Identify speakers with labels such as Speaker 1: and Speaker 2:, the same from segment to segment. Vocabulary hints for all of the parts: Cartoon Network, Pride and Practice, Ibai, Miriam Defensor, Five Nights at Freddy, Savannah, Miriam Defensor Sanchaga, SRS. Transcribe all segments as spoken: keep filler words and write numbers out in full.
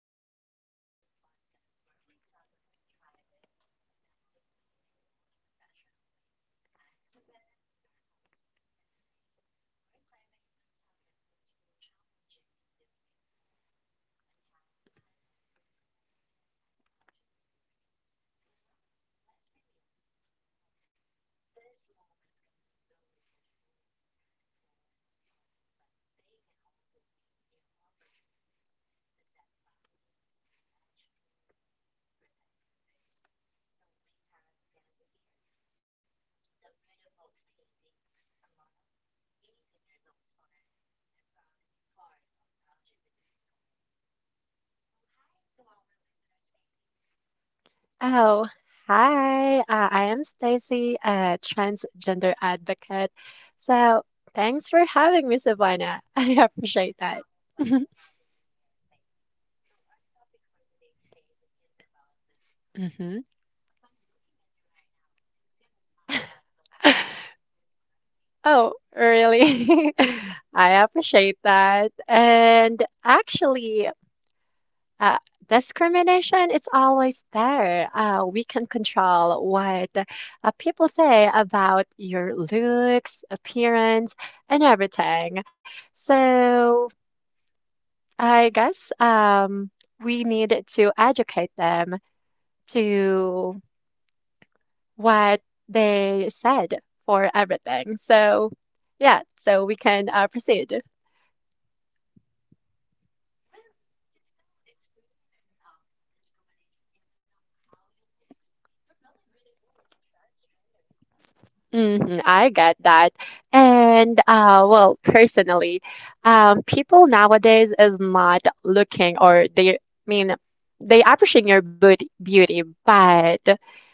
Speaker 1: and Practice, the podcast where we talk about thriving authentically in most professional way. I'm Savannah, your host, and today we're diving into a topic that's both challenging and deeply important on how to handle discrimination as L G B T Q. So now let's be real. These moments can be really frustrating, hurtful, and exhausting, but they can also be new opportunities to set boundaries, educate, and protect your face. So we have a guest in here, the beautiful Stacy, a model, eighteen years old stoner, and proud to be part of L G B T Q community. So hi to our listener, Stacy.
Speaker 2: Oh, hi. Uh, I am Stacy, a transgender advocate. So, thanks for having me, Savannah. I appreciate
Speaker 1: It's
Speaker 2: that.
Speaker 1: our pleasure having you here, Stacy. So our topic for today, Stacy, is about
Speaker 2: hmm
Speaker 1: discrimination. Upon looking at you right now, you seems not like the one who can discriminate
Speaker 2: Oh,
Speaker 1: or experience
Speaker 2: really?
Speaker 1: discrimination.
Speaker 2: I appreciate that. And actually, uh, discrimination is always there. Uh, we can control what uh, people say about your looks, appearance, and everything. So I guess um, we need to educate them to what they said for everything. So, yeah, so we can uh, proceed.
Speaker 1: R- Really? You still experience um, discrimination even though how you looks? You're really beautiful as a transgender.
Speaker 2: hmm I get that. And uh, well, personally, um, people nowadays is not looking or they I mean they appreciate your beauty, beauty, but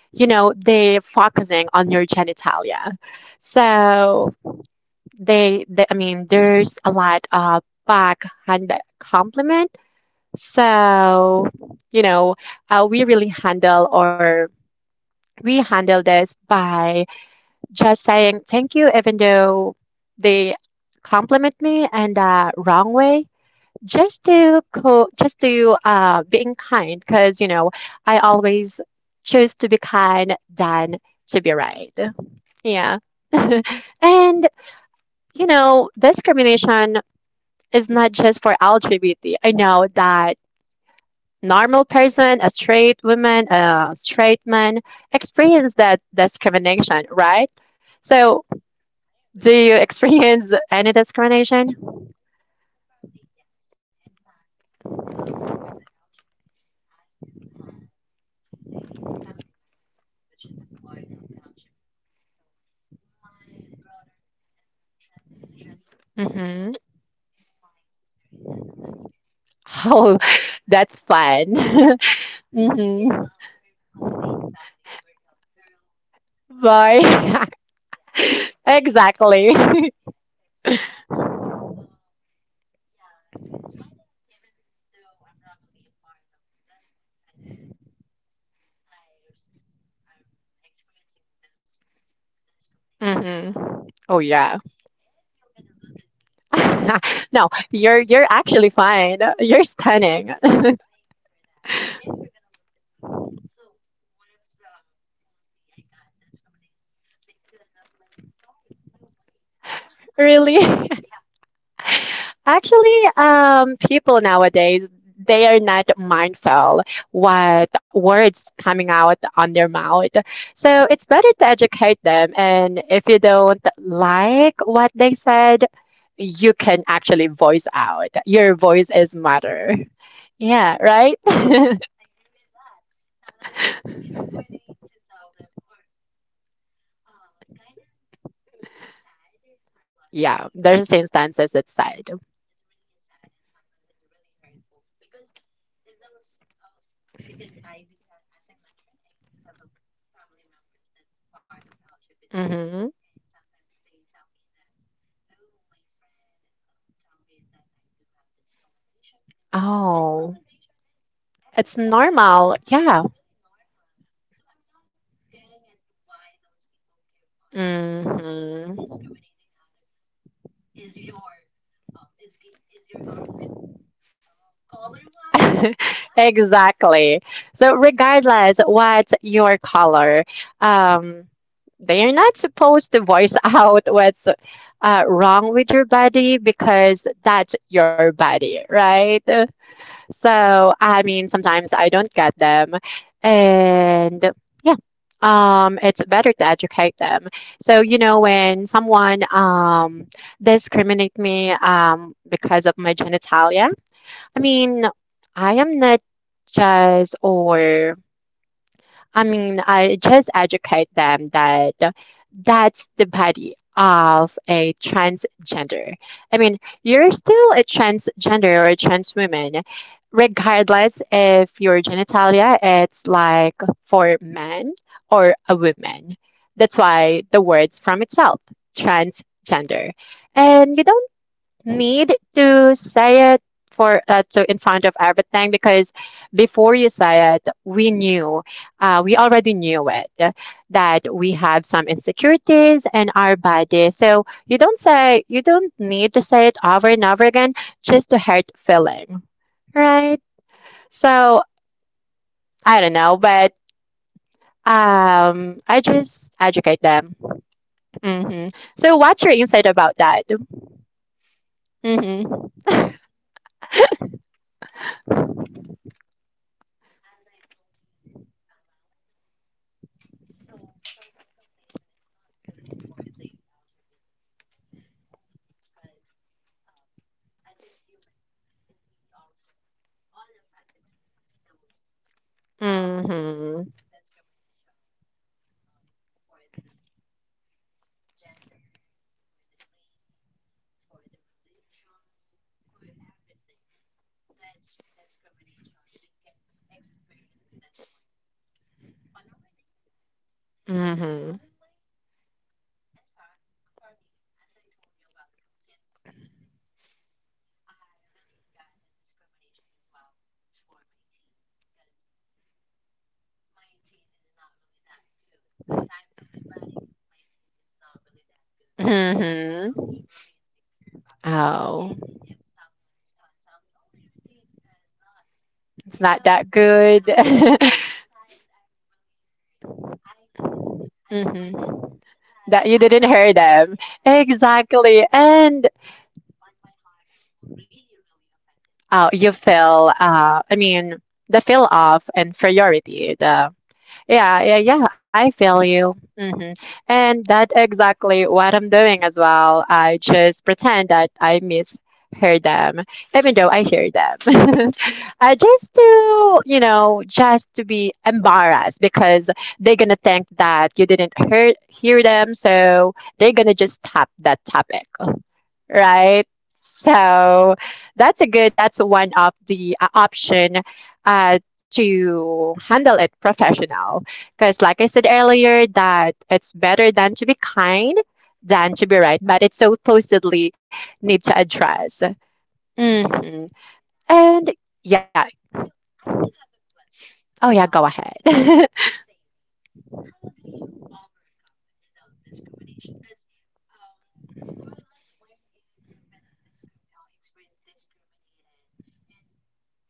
Speaker 2: you know they focusing on your genitalia. So they, they I mean there's a lot of backhand compliment. So you know uh, we really handle or we handle this by just saying thank you, even though they compliment me and uh, wrong way, just to co- just to uh, being kind, because you know I always choose to be kind than to be right. Yeah,
Speaker 1: Mm, I see.
Speaker 2: and you know discrimination is not just for L G B T. I know that normal person, a straight woman, a straight man, experience that discrimination, right?
Speaker 1: I so,
Speaker 2: So
Speaker 1: agree. I
Speaker 2: do
Speaker 1: agree with
Speaker 2: you
Speaker 1: that.
Speaker 2: experience any discrimination?
Speaker 1: Uh, yes, apparently yes. In fact, um, for the L G B T Q, I do have a family members which is a part of L G B T Q. So my brother is a transgender, and
Speaker 2: hmm
Speaker 1: then my sister is a lesbian.
Speaker 2: Oh,
Speaker 1: Yeah, really.
Speaker 2: that's fun.
Speaker 1: Yeah, you know,
Speaker 2: hmm
Speaker 1: uh, we're complete family. We're a uh, girl, a boy, boy.
Speaker 2: Bye.
Speaker 1: Yeah, gay
Speaker 2: exactly.
Speaker 1: and lesbian. So for us, um, yeah, it's kind of even though I'm not really a part of this one, but I s- I'm experiencing this discrimination as well.
Speaker 2: Mm-hmm. Oh
Speaker 1: Because
Speaker 2: yeah.
Speaker 1: if you're gonna look at me,
Speaker 2: No, you're you're actually fine. You're stunning.
Speaker 1: uh, thank you for that. But if you're gonna look at me, so one of the mostly I got discrimination because of my body, my weight. I'm, I,
Speaker 2: Really?
Speaker 1: yeah,
Speaker 2: Actually, um, people nowadays they are not mindful what words coming out on their mouth. So it's better to educate them. And if you don't like what they said, you can actually voice out. Your voice is matter. Yeah, right?
Speaker 1: I agree with that. Sometimes we need to tell them or um kind of sad for a lot of
Speaker 2: Yeah, there's
Speaker 1: people.
Speaker 2: instances that said.
Speaker 1: It's really sad and sometimes it's really hurtful because it's those out because I do ha- as I mentioned I do have a family members that part of L G B T Q
Speaker 2: hmm
Speaker 1: and sometimes they tell me that oh my friend um, tell me that I do have discoloration because
Speaker 2: Oh,
Speaker 1: discoloration is
Speaker 2: it's
Speaker 1: everyone. Yeah,
Speaker 2: normal.
Speaker 1: yeah,
Speaker 2: Yeah.
Speaker 1: it's really normal, so I'm not getting it why those people keep on
Speaker 2: hmm
Speaker 1: discriminating other. Is your um is is your armpit um color wide, right?
Speaker 2: exactly. So regardless what's your color, um, they are not supposed to voice out what's uh, wrong with your body because that's your body, right?
Speaker 1: Mm, I agree.
Speaker 2: So, I mean, sometimes I don't get them. And yeah, um, it's better to educate them. So, you know, when someone um, discriminate me um, because of my genitalia, I mean, I am not judged or I mean, I just educate them that that's the body of a transgender. I mean, you're still a transgender or a trans woman, regardless if your genitalia it's like for men or a woman. That's why the word's from itself, transgender. And you don't need to say it for uh, to in front of everything because before you say it, we knew, uh, we already knew it that we have some insecurities in our body. So you don't say you don't need to say it over and over again just to hurt feeling, right? So I don't know, but um, I just educate them. hmm So what's your insight about that? hmm
Speaker 1: As I told you a while ago, so for discrimination, it's not really for the L G B T Q community only, because um, as a human, we also all of us experience those um,
Speaker 2: hmm
Speaker 1: discrimination on for the gender, for the race, for the religion, for everything. This discrimination, we can experience this one on our daily lives. So,
Speaker 2: hmm
Speaker 1: on my, in fact, for me, as I told you a while ago, since I really got the discrimination as well for my teeth, because my teeth is not really that good. Aside from my body, my teeth is not really that good. Yes, I'm
Speaker 2: Mm-hmm.
Speaker 1: really, really insecure about that.
Speaker 2: Oh,
Speaker 1: And if someone's uh, tell me, "Oh, your teeth is not,"
Speaker 2: it's
Speaker 1: you
Speaker 2: not
Speaker 1: know,
Speaker 2: that good.
Speaker 1: yeah. So sometimes I'm really hurt. I I can pretend
Speaker 2: Mm-hmm.
Speaker 1: that,
Speaker 2: That
Speaker 1: that
Speaker 2: you
Speaker 1: I'm
Speaker 2: didn't
Speaker 1: not
Speaker 2: hear
Speaker 1: Of-
Speaker 2: them.
Speaker 1: yes,
Speaker 2: Exactly.
Speaker 1: and and some,
Speaker 2: And
Speaker 1: but on my heart, I'm really, really offended.
Speaker 2: uh, you feel, uh, I mean, the feel of inferiority, the Yeah, yeah, yeah, I feel you. hmm And that's exactly what I'm doing as well. I just pretend that I miss hear them, even though I hear them. I just to, you know, just to be embarrassed because they're gonna think that you didn't hear hear them, so they're gonna just tap that topic
Speaker 1: Mm-hmm.
Speaker 2: right? So that's a good, that's one of the uh, option uh, to handle it professional.
Speaker 1: Mhm.
Speaker 2: Because like I said earlier, that it's better than to be kind than to be right, but it supposedly need to address.
Speaker 1: Mhm.
Speaker 2: hmm
Speaker 1: Agree with that.
Speaker 2: And yeah,
Speaker 1: So I do have a question,
Speaker 2: oh yeah, go
Speaker 1: um,
Speaker 2: ahead.
Speaker 1: Stacey. How do you overcome those discrimination? Because um, for less when if you've been discrim- uh, experienced discriminated, and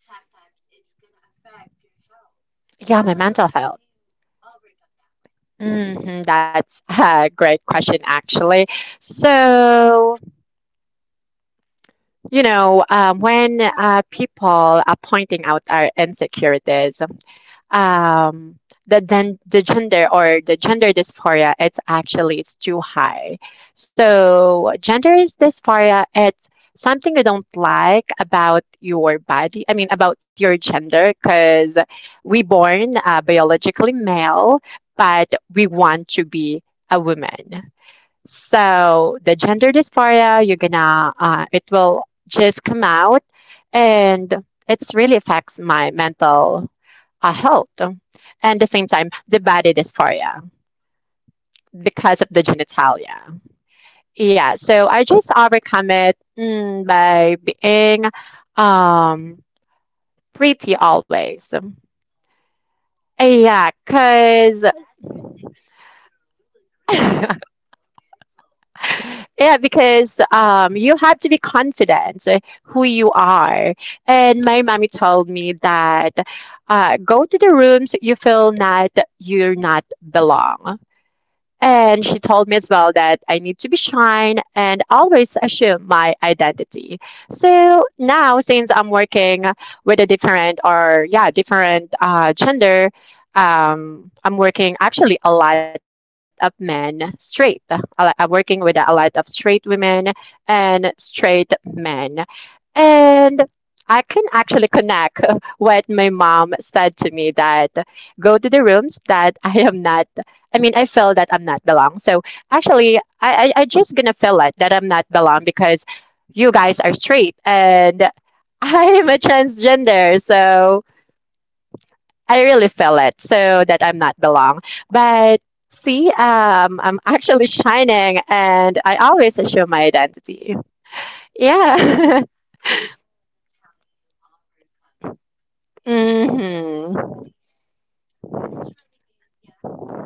Speaker 1: sometimes it's gonna affect your health.
Speaker 2: Yeah, my
Speaker 1: How
Speaker 2: mental
Speaker 1: did
Speaker 2: health.
Speaker 1: you overcome that one?
Speaker 2: Hmm that's a great question, actually. So you know, um, when uh, people are pointing out our insecurities, um, the, then the gender or the gender dysphoria, it's actually it's too high. So gender is dysphoria. It's something you don't like about your body. I mean, about your gender, because we born uh, biologically male, but we
Speaker 1: Mm-hmm.
Speaker 2: want to be a woman.
Speaker 1: Mm-hmm. Great. Mm-hmm.
Speaker 2: So the gender dysphoria, you're gonna, uh, it will just come out, and it's really affects my mental uh, health. And the same time, the body dysphoria because of the genitalia. Yeah, so I just overcome it mm, by being um, pretty always.
Speaker 1: Oh.
Speaker 2: Yeah, because
Speaker 1: That's your secret. That's why you really, really look so beautiful.
Speaker 2: yeah, because um, you have to be confident who you
Speaker 1: Mhm,
Speaker 2: are. And my mommy told me that uh, go to the rooms you feel not you're not belong.
Speaker 1: mhm,
Speaker 2: And she told me as well that I need to be shy and always assume my identity. So now, since I'm working with a different or yeah, different uh, gender, um, I'm working actually a lot of men straight. A lot- I'm working with a lot of straight women and straight men, and I can actually connect what my mom said to me that go to the rooms that I am not I mean, I feel that I'm not belong. So actually, I, I, I just gonna feel it that I'm not belong because you guys are straight and I'm a transgender. So I really feel it. So that I'm not belong. But see, um, I'm actually shining and I always show my identity.
Speaker 1: mm.
Speaker 2: Yeah.
Speaker 1: Oh, that's how you overcome if mm-hmm. you feel
Speaker 2: hmm
Speaker 1: discriminated. Oh, that's really good. Yeah,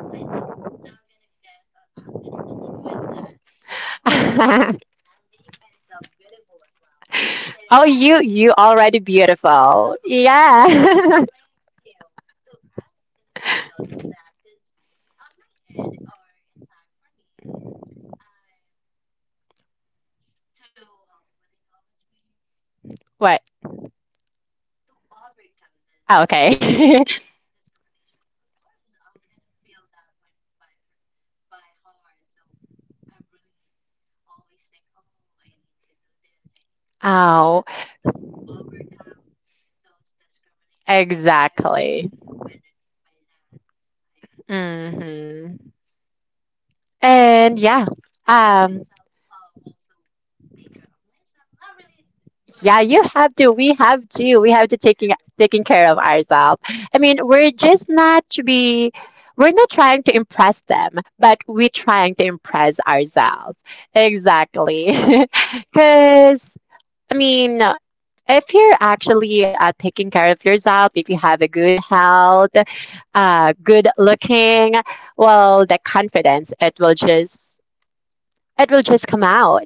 Speaker 1: I think I'm gonna get. Uh, I'm gonna note with that. Um, I'll make myself beautiful as well. So
Speaker 2: oh,
Speaker 1: that.
Speaker 2: you, you already beautiful.
Speaker 1: Oh, yeah.
Speaker 2: Yeah.
Speaker 1: Thank you. So I'm gonna take note of that because on my end, or in fact for me, um, to uh, what they call this, Wayne,
Speaker 2: What?
Speaker 1: to overcome this
Speaker 2: Oh, okay.
Speaker 1: um, discrimination. Of course, I'm gonna feel that one by her, by heart. So I am really always think, oh, I need to do this, I need to do oh. That. So
Speaker 2: Oh,
Speaker 1: to overcome those discrimination, since I'm
Speaker 2: exactly.
Speaker 1: really offended by that, I
Speaker 2: hmm And yeah,
Speaker 1: I uh, let
Speaker 2: um,
Speaker 1: myself um, also take care of myself. Not really,
Speaker 2: yeah,
Speaker 1: but
Speaker 2: you have to. We have to. We have to
Speaker 1: mhm,
Speaker 2: taking taking
Speaker 1: everyone.
Speaker 2: care of ourselves. I mean, we're just not to be. We're not trying to impress them, but
Speaker 1: Mhm.
Speaker 2: we're trying to impress ourselves.
Speaker 1: Ourselves.
Speaker 2: Exactly.
Speaker 1: Agree
Speaker 2: Because I mean, if you're actually uh, taking care of yourself, if you have a good health, uh, good looking, well, that confidence, it will
Speaker 1: Mhm.
Speaker 2: just, it will just come out.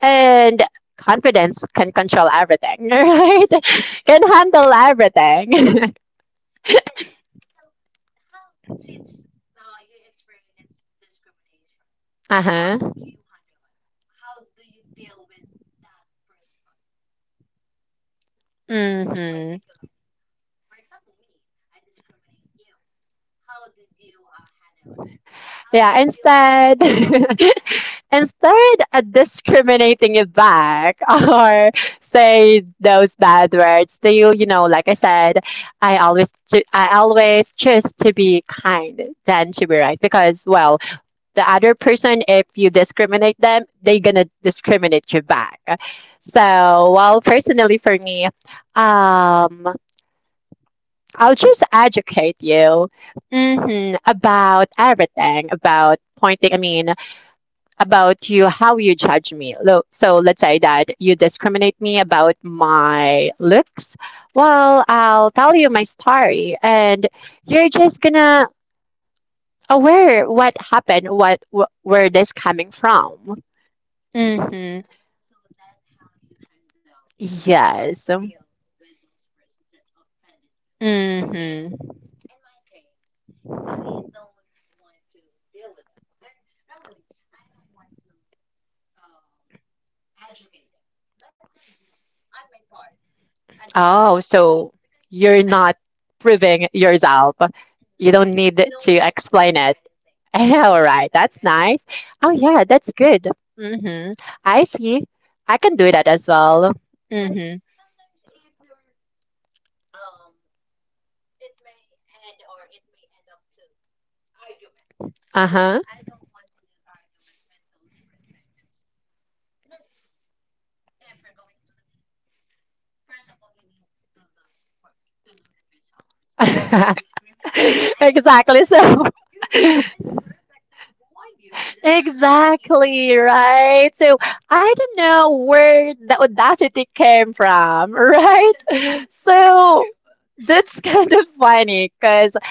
Speaker 2: And confidence can control everything, right? Can handle everything.
Speaker 1: And then, so how since uh, you experience discrimination,
Speaker 2: uh-huh.
Speaker 1: do you handle it? How do you deal with that person
Speaker 2: Mm-hmm.
Speaker 1: particularly? For example, me, I discriminate you. How did you uh, handle it? How yeah, do
Speaker 2: Yeah,
Speaker 1: you deal sad. With
Speaker 2: instead,
Speaker 1: me?
Speaker 2: and start uh, discriminating it back or say those bad words to you. You know, like I said, I always to, I always choose to be kind than to be
Speaker 1: Mm-hmm.
Speaker 2: right because well, the other person, if you discriminate them, they gonna discriminate you back.
Speaker 1: Mm.
Speaker 2: So, well, personally for me, um, I'll just educate you hmm about everything about pointing. I mean, about you how you judge me. Lo- so let's say that you discriminate me about my looks, well, I'll tell you my story and you're just gonna aware what happened, what wh- where this coming from.
Speaker 1: Mhm.
Speaker 2: hmm
Speaker 1: Oh, so that's how you handle or so.
Speaker 2: yes.
Speaker 1: Deal with those persons that offended you. Mm-hmm. For me,
Speaker 2: hmm
Speaker 1: in my case, I don't want to deal with them. And not really, I don't want to um, educate them. Let them be on my part. I just don't oh, let
Speaker 2: Oh,
Speaker 1: so them be
Speaker 2: so
Speaker 1: because
Speaker 2: you're
Speaker 1: as
Speaker 2: not proving yourself. You
Speaker 1: no,
Speaker 2: don't need
Speaker 1: no
Speaker 2: to
Speaker 1: need to prove
Speaker 2: explain it.
Speaker 1: anything. No
Speaker 2: All
Speaker 1: need to
Speaker 2: right,
Speaker 1: prove
Speaker 2: that's
Speaker 1: anything
Speaker 2: nice. Oh yeah, that's good. Mm-hmm. I see. I can do that as well.
Speaker 1: because nice.
Speaker 2: Mm-hmm.
Speaker 1: Mm-hmm. Sometimes if you're um, it may end or it may end up to argument. Uh-huh. So
Speaker 2: Uh-huh.
Speaker 1: I don't want to do arguments with those person that's not if you're going to first of all, you need to look for to look at yourself first before you discriminate, right?
Speaker 2: Exactly.
Speaker 1: Because exactly
Speaker 2: So,
Speaker 1: so. You're not even perfect. Then who are you to discriminate exactly,
Speaker 2: exactly,
Speaker 1: me?
Speaker 2: right? So, I don't know where the audacity came from, right?
Speaker 1: So that's
Speaker 2: So,
Speaker 1: true.
Speaker 2: that's kind of funny because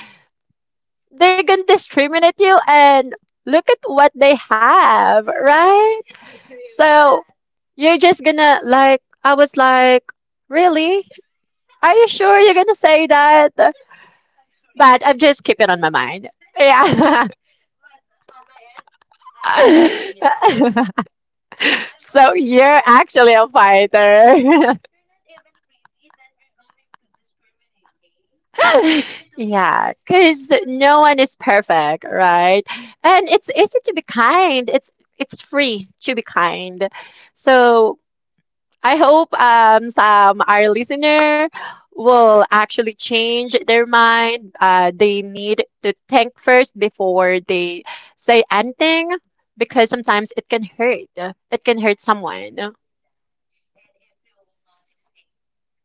Speaker 2: they're gonna discriminate you and look at what they have, right?
Speaker 1: I agree so, with
Speaker 2: So,
Speaker 1: that.
Speaker 2: you're just gonna like, I was like, really? Are you sure you're gonna say that?
Speaker 1: I agree.
Speaker 2: But I'm just keeping on my mind. Yeah.
Speaker 1: But on my end, I'm voicing it out. Yeah, I'm
Speaker 2: So
Speaker 1: voicing so, it
Speaker 2: you're
Speaker 1: out.
Speaker 2: actually a fighter.
Speaker 1: You're not even pretty, then you're going to discriminate me. Make sure to look yeah. at
Speaker 2: Yeah,
Speaker 1: yourself
Speaker 2: because no one
Speaker 1: first.
Speaker 2: is perfect,
Speaker 1: No, I
Speaker 2: right?
Speaker 1: agree with
Speaker 2: And
Speaker 1: that.
Speaker 2: it's easy to be kind. It's
Speaker 1: Mm.
Speaker 2: it's free to be kind. So I hope um, some our listener
Speaker 1: It
Speaker 2: will actually change their mind. Uh, they need to think first before they say anything because
Speaker 1: mm.
Speaker 2: sometimes it can hurt.
Speaker 1: Yes,
Speaker 2: It can hurt
Speaker 1: yes,
Speaker 2: someone.
Speaker 1: agree with that. And if you will not gonna say,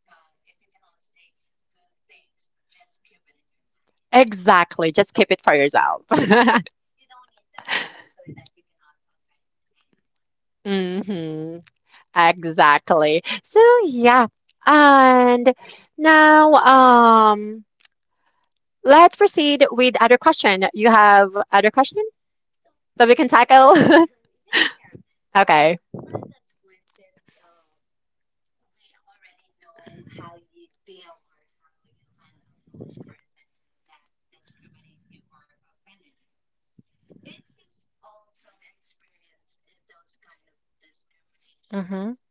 Speaker 1: uh, if you cannot say good things, just keep it in your mind.
Speaker 2: Exactly. Just keep it for yourself.
Speaker 1: You don't need to voice it so that you cannot offend anyone.
Speaker 2: hmm Exactly. So yeah. And now um let's proceed with other question. You have other question?
Speaker 1: So for
Speaker 2: The we can tackle?
Speaker 1: yes, we have. So
Speaker 2: Okay.
Speaker 1: for this one, since um, we already know how you deal or how you handle those persons that discriminate you or offended you, did you s- also experience uh, those kind of discrimination
Speaker 2: hmm
Speaker 1: since,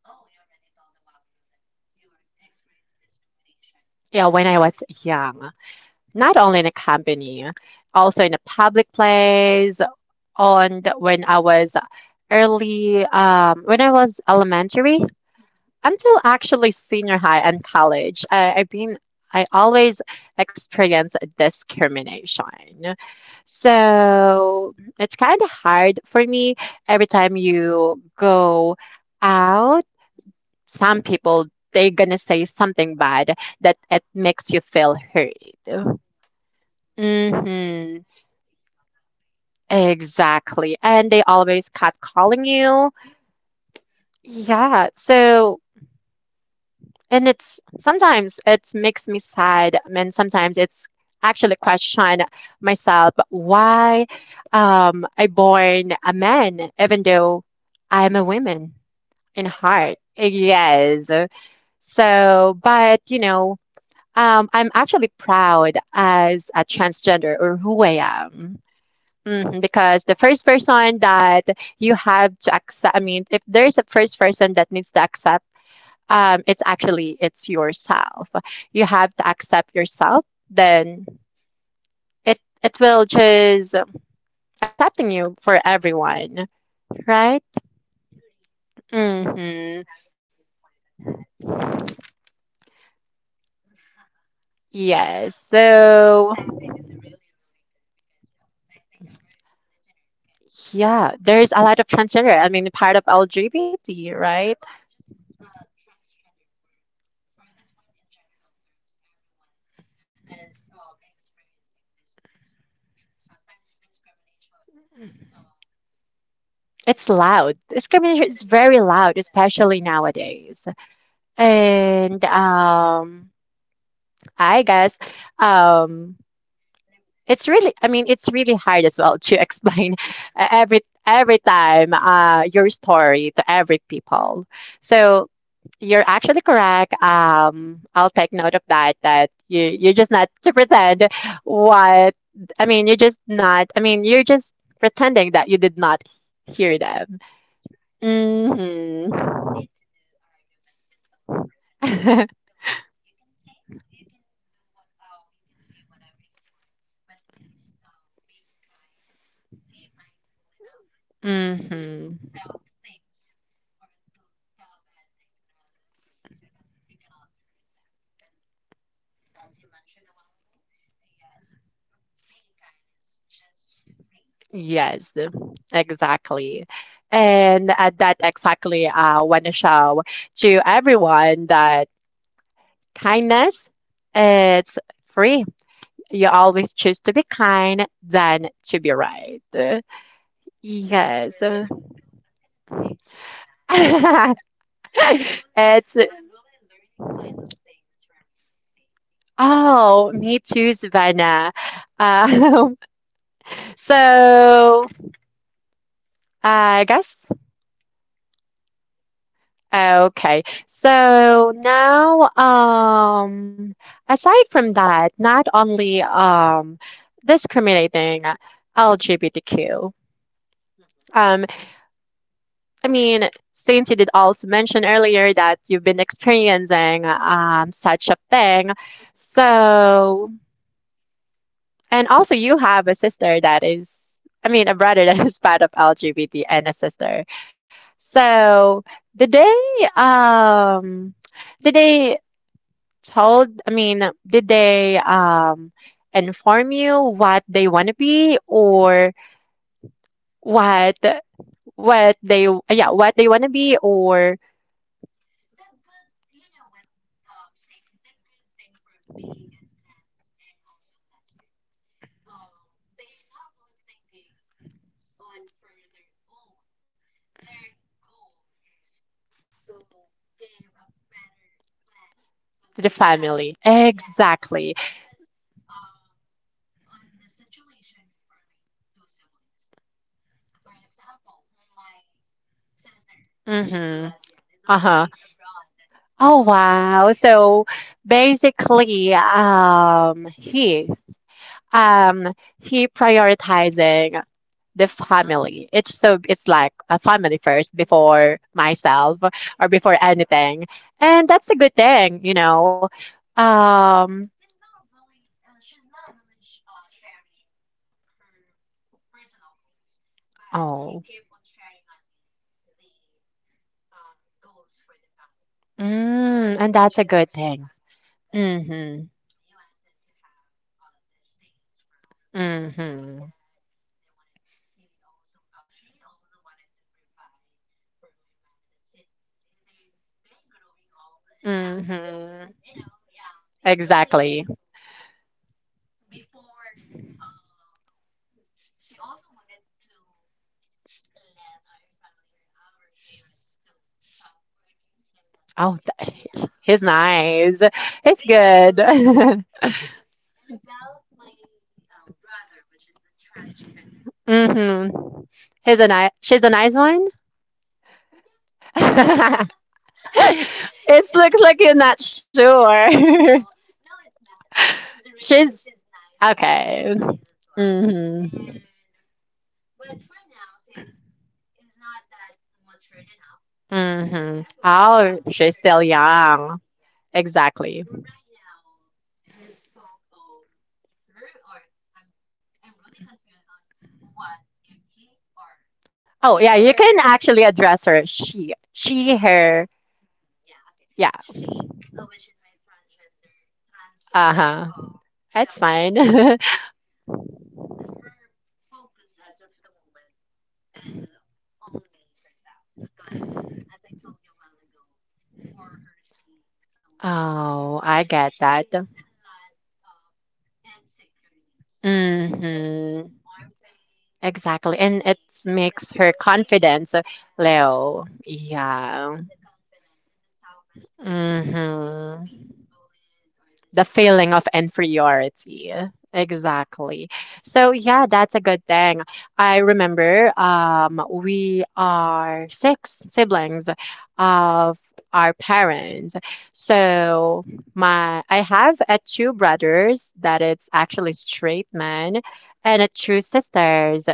Speaker 1: oh, you already told a while ago that you experienced discrimination
Speaker 2: Yeah,
Speaker 1: on the
Speaker 2: when I was
Speaker 1: company
Speaker 2: young,
Speaker 1: and also in the.
Speaker 2: not only in a company,
Speaker 1: Mhm.
Speaker 2: also in a public place, on the, when I was early, um, when I was elementary.
Speaker 1: Mhm.
Speaker 2: Until actually senior high and college, I, I've been I always experience discrimination. So it's kind of hard for me every time you go out.
Speaker 1: Mhm.
Speaker 2: Some people they're gonna say something bad that it
Speaker 1: Yeah.
Speaker 2: makes you feel hurt.
Speaker 1: Yeah, I totally agree.
Speaker 2: Mm-hmm.
Speaker 1: I always feel that way.
Speaker 2: Exactly. And they always cut calling you.
Speaker 1: Mm,
Speaker 2: Yeah. So and it's sometimes it makes me sad and sometimes it's actually question myself why um, I born a man even though I'm a woman in
Speaker 1: by
Speaker 2: heart.
Speaker 1: heart. Yeah.
Speaker 2: Yes. So but you know, um, I'm actually proud as a transgender or who I am. Mhm. Because the first person that you have to accept, I mean, if there's a first person that needs to accept, um, it's actually it's yourself.
Speaker 1: Mm.
Speaker 2: You have to accept yourself, then it it will just um, accepting you for everyone, right?
Speaker 1: Agree.
Speaker 2: Mm-hmm.
Speaker 1: You have a good point on that.
Speaker 2: Yes.
Speaker 1: So, this
Speaker 2: So
Speaker 1: topic is really, really good because um, I think our listener can
Speaker 2: yeah,
Speaker 1: um,
Speaker 2: there's a lot of transgender. I mean, part of L G B T, right?
Speaker 1: not really, just uh, transgender were for this one in general terms everyone is um, experiencing this discrimination sometimes discrimination uh,
Speaker 2: It's loud.
Speaker 1: mhm,
Speaker 2: Discrimination is very
Speaker 1: true. Uh,
Speaker 2: loud,
Speaker 1: that's true.
Speaker 2: especially nowadays. And um I guess um,
Speaker 1: And I'm
Speaker 2: it's really, I mean, it's really hard as well to explain every every time uh, your story to every people. So you're actually correct. Um, I'll take note of that. That you you're just not to pretend what I mean. You're just not. I mean, you're just pretending that you did not hear them.
Speaker 1: that's right.
Speaker 2: hmm
Speaker 1: No need to do arguments with those person. So you can say you can do what um you can say whatever you want, but please um, be kind, be mindful enough to
Speaker 2: hmm
Speaker 1: tell things or to tell bad things on other person so that you cannot hurt them because as you mentioned a while ago yes being kind is just free. So
Speaker 2: Yes, exactly. And uh, that exactly uh, I want to show to everyone that kindness it's free. You always choose to be kind than to be right.
Speaker 1: mm, eh, that's
Speaker 2: Yes.
Speaker 1: really a good quote. I'm gonna take note of that. I'm
Speaker 2: It's
Speaker 1: I'm really learning a lot of things from you, Stacy.
Speaker 2: oh, me too, Savannah. Um, so I guess Okay. So now, um, aside from that, not only um, discriminating L G B T Q,
Speaker 1: Mm-hmm.
Speaker 2: um, I mean, since you did also mention earlier that you've been experiencing um, such a thing,
Speaker 1: Mm-hmm.
Speaker 2: so, and also you have a sister that is, I mean, a brother that is part of L G B T and a sister.
Speaker 1: Yeah, my
Speaker 2: So,
Speaker 1: siblings.
Speaker 2: did they, um, did they told, I mean, did they um inform you what they want to be or what what they yeah, what they want to be or
Speaker 1: The good, you know what, um, Stacy. The good thing for being a trans and also a lesbian, um, they're not really thinking on for their own. Their goal is to give a better plans to
Speaker 2: to the
Speaker 1: their
Speaker 2: family?
Speaker 1: family. Yes.
Speaker 2: Exactly.
Speaker 1: Because exactly. Um, on the situation for my two siblings, for example, my sister, which mm-hmm. is the
Speaker 2: Mm-hmm.
Speaker 1: lesbian, is
Speaker 2: Uh-huh.
Speaker 1: already uh-huh. abroad.
Speaker 2: Oh
Speaker 1: Oh,
Speaker 2: wow. So
Speaker 1: yes. So
Speaker 2: basically um he um he prioritizing the
Speaker 1: yes. The,
Speaker 2: family.
Speaker 1: family. Family.
Speaker 2: It's so
Speaker 1: So,
Speaker 2: it's like a family first before myself
Speaker 1: mm-hmm.
Speaker 2: or
Speaker 1: yeah,
Speaker 2: before
Speaker 1: that's
Speaker 2: anything.
Speaker 1: right.
Speaker 2: And that's a good thing, you know. Um
Speaker 1: He's not really uh, she's not really sh- uh, sharing her personal goals but he
Speaker 2: oh.
Speaker 1: kept on sharing on me the uh, goals for the family her
Speaker 2: Mm, and that's a
Speaker 1: ambition for
Speaker 2: good
Speaker 1: the
Speaker 2: thing.
Speaker 1: families because mm-hmm.
Speaker 2: Mm-hmm.
Speaker 1: He wanted to have uh, these things for our mom and our
Speaker 2: Mm-hmm.
Speaker 1: dad they wanted he also uh, she also wanted to provide for my mom and dad since they they growing old and mm-hmm. Not growing
Speaker 2: Mm-hmm.
Speaker 1: you know young they exactly. Growing
Speaker 2: Exactly.
Speaker 1: old so before uh she also wanted to let our family or our parents to stop working so that
Speaker 2: Oh, th-
Speaker 1: yeah
Speaker 2: he's
Speaker 1: she's
Speaker 2: nice. He's
Speaker 1: really
Speaker 2: good.
Speaker 1: really nice. It's re- and about my um, brother which is the transgender
Speaker 2: Mm-hmm. He's a nice. She's a nice one.
Speaker 1: oh, yes she's
Speaker 2: It
Speaker 1: It
Speaker 2: looks like you're not
Speaker 1: yeah.
Speaker 2: sure.
Speaker 1: No, no, it's not. She's really, she's,
Speaker 2: She's
Speaker 1: She's- nice. He's
Speaker 2: okay.
Speaker 1: nice as well. Mhm.
Speaker 2: Mm-hmm.
Speaker 1: And but for now, since he's not that matured enough, mm. because
Speaker 2: Mm-hmm.
Speaker 1: everyone's
Speaker 2: Oh,
Speaker 1: uh,
Speaker 2: she's
Speaker 1: maturity,
Speaker 2: still
Speaker 1: the
Speaker 2: young.
Speaker 1: maturity, yes.
Speaker 2: Exactly.
Speaker 1: Right now, his folk, um, her or I'm, I'm really confused on what if he or
Speaker 2: Oh
Speaker 1: his
Speaker 2: yeah,
Speaker 1: or
Speaker 2: you can
Speaker 1: her.
Speaker 2: actually address her she, she, her.
Speaker 1: Mm, yeah, okay.
Speaker 2: Yeah.
Speaker 1: She, uh, which is my transgender
Speaker 2: Uh
Speaker 1: transgender uh-huh.
Speaker 2: huh.
Speaker 1: um
Speaker 2: That's
Speaker 1: sibling,
Speaker 2: fine.
Speaker 1: her focus as of the moment as only herself. Because, as I told you a while ago, for her skin, so
Speaker 2: Oh, I get that.
Speaker 1: a lot of insecurities uh, Mm, for the
Speaker 2: Mm-hmm.
Speaker 1: armpit.
Speaker 2: Exactly.
Speaker 1: And
Speaker 2: And it
Speaker 1: the- the
Speaker 2: makes her
Speaker 1: discoloration,
Speaker 2: confidence, yeah,
Speaker 1: yeah.
Speaker 2: Leo. Yeah.
Speaker 1: The confidence, and the self esteem. Mhm. If you're
Speaker 2: Mm-hmm.
Speaker 1: being bullied or the
Speaker 2: The
Speaker 1: discriminated,
Speaker 2: feeling of
Speaker 1: discriminated,
Speaker 2: inferiority.
Speaker 1: That's right.
Speaker 2: Exactly. So yeah, that's a good thing. I remember um we are six siblings of our parents. So my I have a two brothers that it's actually straight men
Speaker 1: Mhm.
Speaker 2: and a two sisters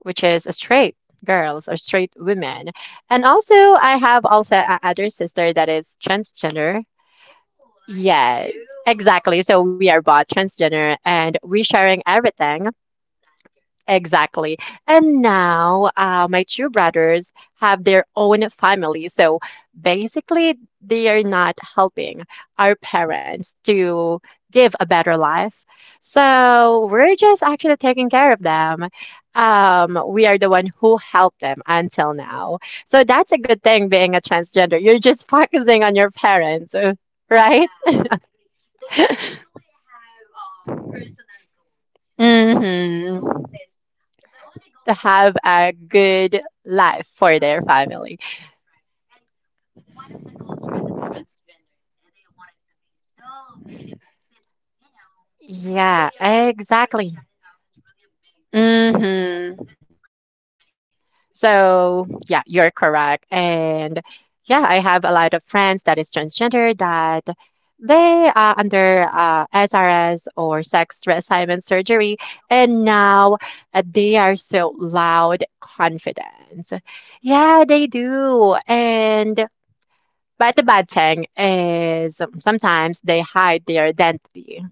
Speaker 2: which is a straight girls or straight women. And also I have also a other sister that is transgender.
Speaker 1: Oh, like
Speaker 2: Yes, exactly.
Speaker 1: you.
Speaker 2: So we are both transgender and we sharing everything.
Speaker 1: That's good.
Speaker 2: Exactly. And now uh, my two brothers have their own family. So basically, they are not helping our parents to give a better life.
Speaker 1: Mhm.
Speaker 2: So we're just actually taking care of them. Um, we are the one who helped them until now. So that's a good thing being a transgender. You're just focusing on your parents, right?
Speaker 1: Yeah, agree. They ha- they don't have um personal goals. Mm-hmm. Mostly their
Speaker 2: Hmm.
Speaker 1: goals is the only
Speaker 2: To
Speaker 1: goals
Speaker 2: have a
Speaker 1: that.
Speaker 2: good life for
Speaker 1: Yeah,
Speaker 2: their family.
Speaker 1: that's right. And one of the goals for the transgender, uh, they wanted to be so beautiful since you know it's, yeah,
Speaker 2: Yeah,
Speaker 1: really
Speaker 2: big
Speaker 1: a
Speaker 2: word,
Speaker 1: big, exactly, for the
Speaker 2: exactly.
Speaker 1: genital. It's really a big uh, discri-
Speaker 2: Mm-hmm.
Speaker 1: discrimination because.
Speaker 2: So, yeah, you're correct. And yeah, I have a lot of friends that is transgender that they are under uh, S R S or sex reassignment surgery, and
Speaker 1: Oh.
Speaker 2: now uh, they are so loud confident.
Speaker 1: Mm.
Speaker 2: Yeah, they do. And but the bad thing is um, sometimes they hide their identity.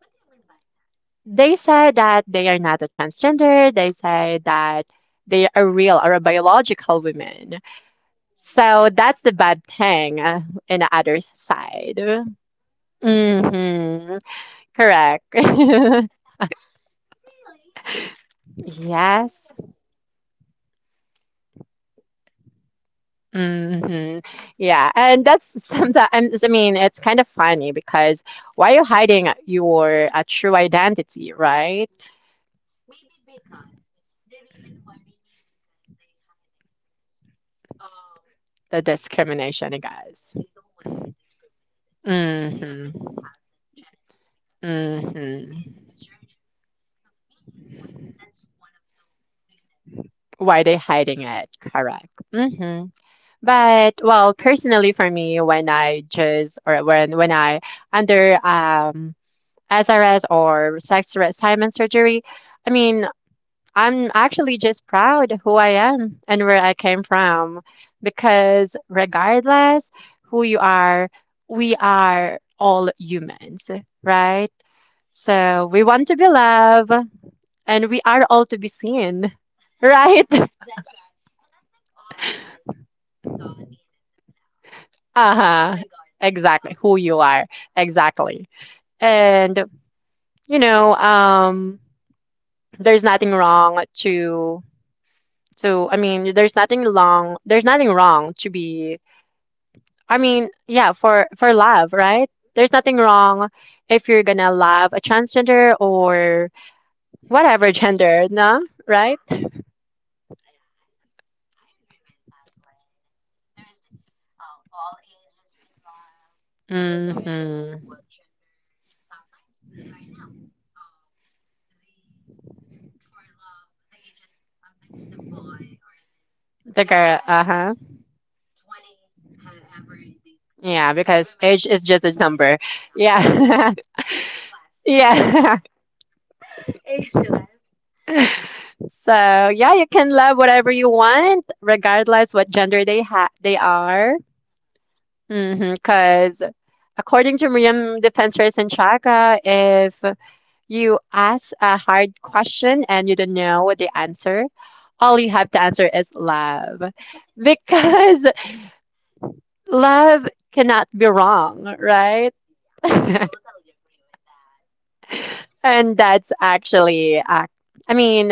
Speaker 1: What do you mean by that?
Speaker 2: They say that they are not a transgender. They say that they are real or a biological women.
Speaker 1: Oh.
Speaker 2: So that's the bad thing uh, in the other side.
Speaker 1: Mm. Mm-hmm.
Speaker 2: Hmm. Correct.
Speaker 1: Really, so yes.
Speaker 2: Yes.
Speaker 1: Oh.
Speaker 2: Hmm. Yeah. And that's sometimes, I mean, it's kind of funny because why are you hiding your uh, true identity, right?
Speaker 1: Mm. Maybe because the reason why, maybe because they're hiding it because, um,
Speaker 2: The discrimination, guys.
Speaker 1: mm, they don't want to be discriminated since, mm. they
Speaker 2: Hmm.
Speaker 1: already have the genital because, mm. they al-
Speaker 2: Hmm.
Speaker 1: did surgery. So maybe one, that's one of the reason.
Speaker 2: Why they hiding it? Correct.
Speaker 1: Yeah.
Speaker 2: Hmm. But well, personally for me, when I just or when when I under um S R S or sex reassignment surgery, I mean, I'm actually just proud who I am and where I came from because regardless who you are, we are all humans, right?
Speaker 1: Mm-hmm. Yeah. If uh,
Speaker 2: So we want to be loved and we are all to be seen, right?
Speaker 1: that's right. And I think all of us uh, needed that love,
Speaker 2: Uh-huh.
Speaker 1: regardless
Speaker 2: Exactly.
Speaker 1: of
Speaker 2: Who you are.
Speaker 1: what. You. Yeah.
Speaker 2: Exactly. And you know, um there's nothing wrong to to I mean, there's nothing long there's nothing wrong to be I mean, yeah, for for love, right? There's nothing
Speaker 1: Mm-hmm.
Speaker 2: wrong if you're gonna love a transgender or whatever gender, no? Right?
Speaker 1: Yes. Yeah. I, I agree with that one. There's, uh, all ages can love, mm-hmm, regardless of
Speaker 2: Mm-hmm.
Speaker 1: what gender. Sometimes right now, um, the, for love, the ages, sometimes the boy or the
Speaker 2: The girl,
Speaker 1: guy
Speaker 2: uh-huh.
Speaker 1: is twenty, however the
Speaker 2: Yeah,
Speaker 1: the
Speaker 2: because
Speaker 1: women
Speaker 2: age is just a
Speaker 1: forty.
Speaker 2: number.
Speaker 1: Yeah.
Speaker 2: Yeah.
Speaker 1: Ageless.
Speaker 2: Yeah.
Speaker 1: Ageless.
Speaker 2: So, yeah, you can love whatever you want, regardless what gender they ha they are.
Speaker 1: Mm-hmm.
Speaker 2: Because according to Miriam Defensor Sanchaga, if you ask a hard question and you don't know what the answer. All you have to answer is love. Because love cannot be wrong, right?
Speaker 1: Yeah, totally agree with that.
Speaker 2: And that's actually, uh, I mean,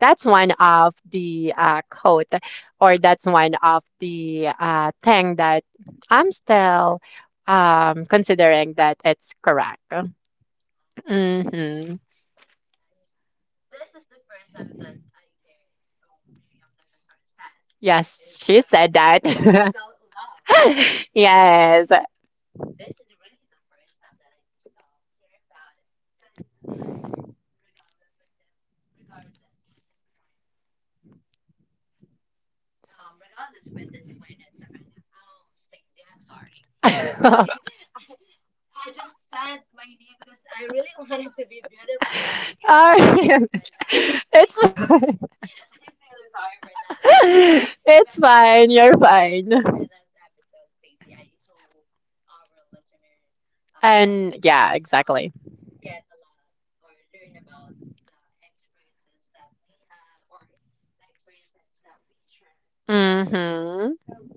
Speaker 2: that's one of the uh, quote, or that's one of the uh, thing that I'm still um, considering that it's correct.
Speaker 1: I see.
Speaker 2: Hmm.
Speaker 1: And this is the first time that I hear, oh, Miriam Defensor says.
Speaker 2: Yes,
Speaker 1: Uh,
Speaker 2: she said
Speaker 1: the-
Speaker 2: that.
Speaker 1: ab- about love.
Speaker 2: Yes.
Speaker 1: This is really the first time that I um, hear about it. Cause, uh, but regardless with the, regardless with this one, um, regardless with this win at Savannah. Oh, Stacey, I'm sorry. You
Speaker 2: Alright.
Speaker 1: really, I, I just said my name because I really wanted to be beautiful like you. Oh. I'm sorry for that one,
Speaker 2: It's
Speaker 1: Stacey.
Speaker 2: fine.
Speaker 1: I'm really sorry for that one, Stacey.
Speaker 2: It's
Speaker 1: But-
Speaker 2: fine. You're
Speaker 1: But for
Speaker 2: fine.
Speaker 1: this episode, Stacey, I hope our listener
Speaker 2: And
Speaker 1: um,
Speaker 2: yeah, exactly.
Speaker 1: um, get a lot or learn about the experiences that we have or the experiences that we share to them.
Speaker 2: Mm-hmm.
Speaker 1: So,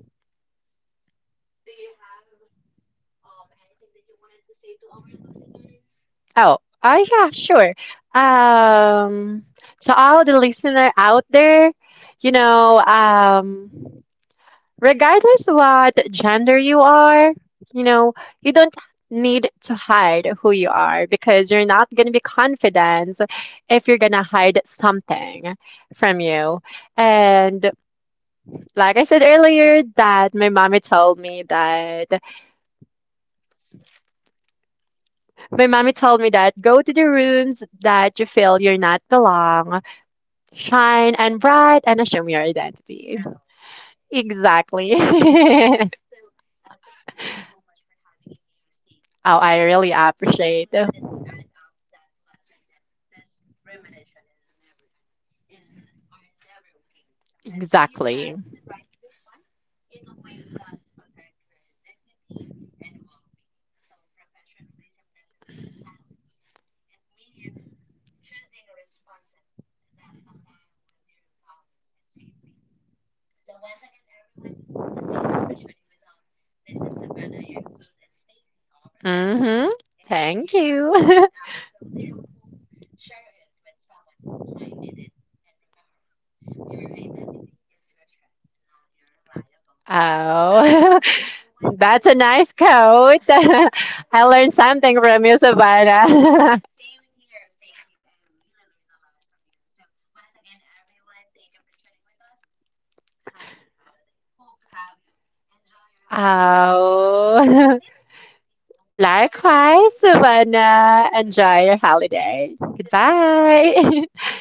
Speaker 1: do you have um, anything that you wanted to say to our listener?
Speaker 2: Oh, oh yeah, sure. Um, to all the listener out there, you know, um, regardless what gender you are, you know, you don't need to hide who you are because you're not going to be confident if you're going to hide something
Speaker 1: Mm.
Speaker 2: from you. And like I said earlier that my mommy told me that my mommy told me that go to the rooms that you feel you're not belong, shine and bright and assume your identity.
Speaker 1: Oh, okay.
Speaker 2: Exactly.
Speaker 1: So, uh, thank you so much for having you here, Stacy.
Speaker 2: Oh,
Speaker 1: So
Speaker 2: I really
Speaker 1: I really
Speaker 2: appreciate.
Speaker 1: wanted to add up that lesson that discrimination is never, and is, are never okay. So, but exactly, you
Speaker 2: Exactly.
Speaker 1: have the right to respond in ways that protect your dignity and well-being. So, professionalism doesn't mean silence. It means choosing responses that align with your values and safety. So once again, everyone, thank you for tuning with us. This is Savannah, your host, and Stacy, our guest.
Speaker 2: Mm-hmm.
Speaker 1: If
Speaker 2: Thank
Speaker 1: you found
Speaker 2: you.
Speaker 1: today's episode helpful, share it with someone who might need it. And remember, your identity is your strength, not your liability. I
Speaker 2: Oh,
Speaker 1: hope everyone,
Speaker 2: that's
Speaker 1: yeah,
Speaker 2: a nice
Speaker 1: yeah,
Speaker 2: coat.
Speaker 1: yes.
Speaker 2: I learned something from you, Savannah.
Speaker 1: Same in here, Stacy. I really learned a lot from you. So once again, everyone, thank you for tuning with us, happy holidays. Hope to have you. Enjoy your holidays, everyone. And
Speaker 2: Oh,
Speaker 1: same with you, Stacy. Hope you enjoy your
Speaker 2: likewise,
Speaker 1: holidays.
Speaker 2: Savannah. Enjoy
Speaker 1: Goodbye.
Speaker 2: your holiday.
Speaker 1: Goodbye.
Speaker 2: Goodbye.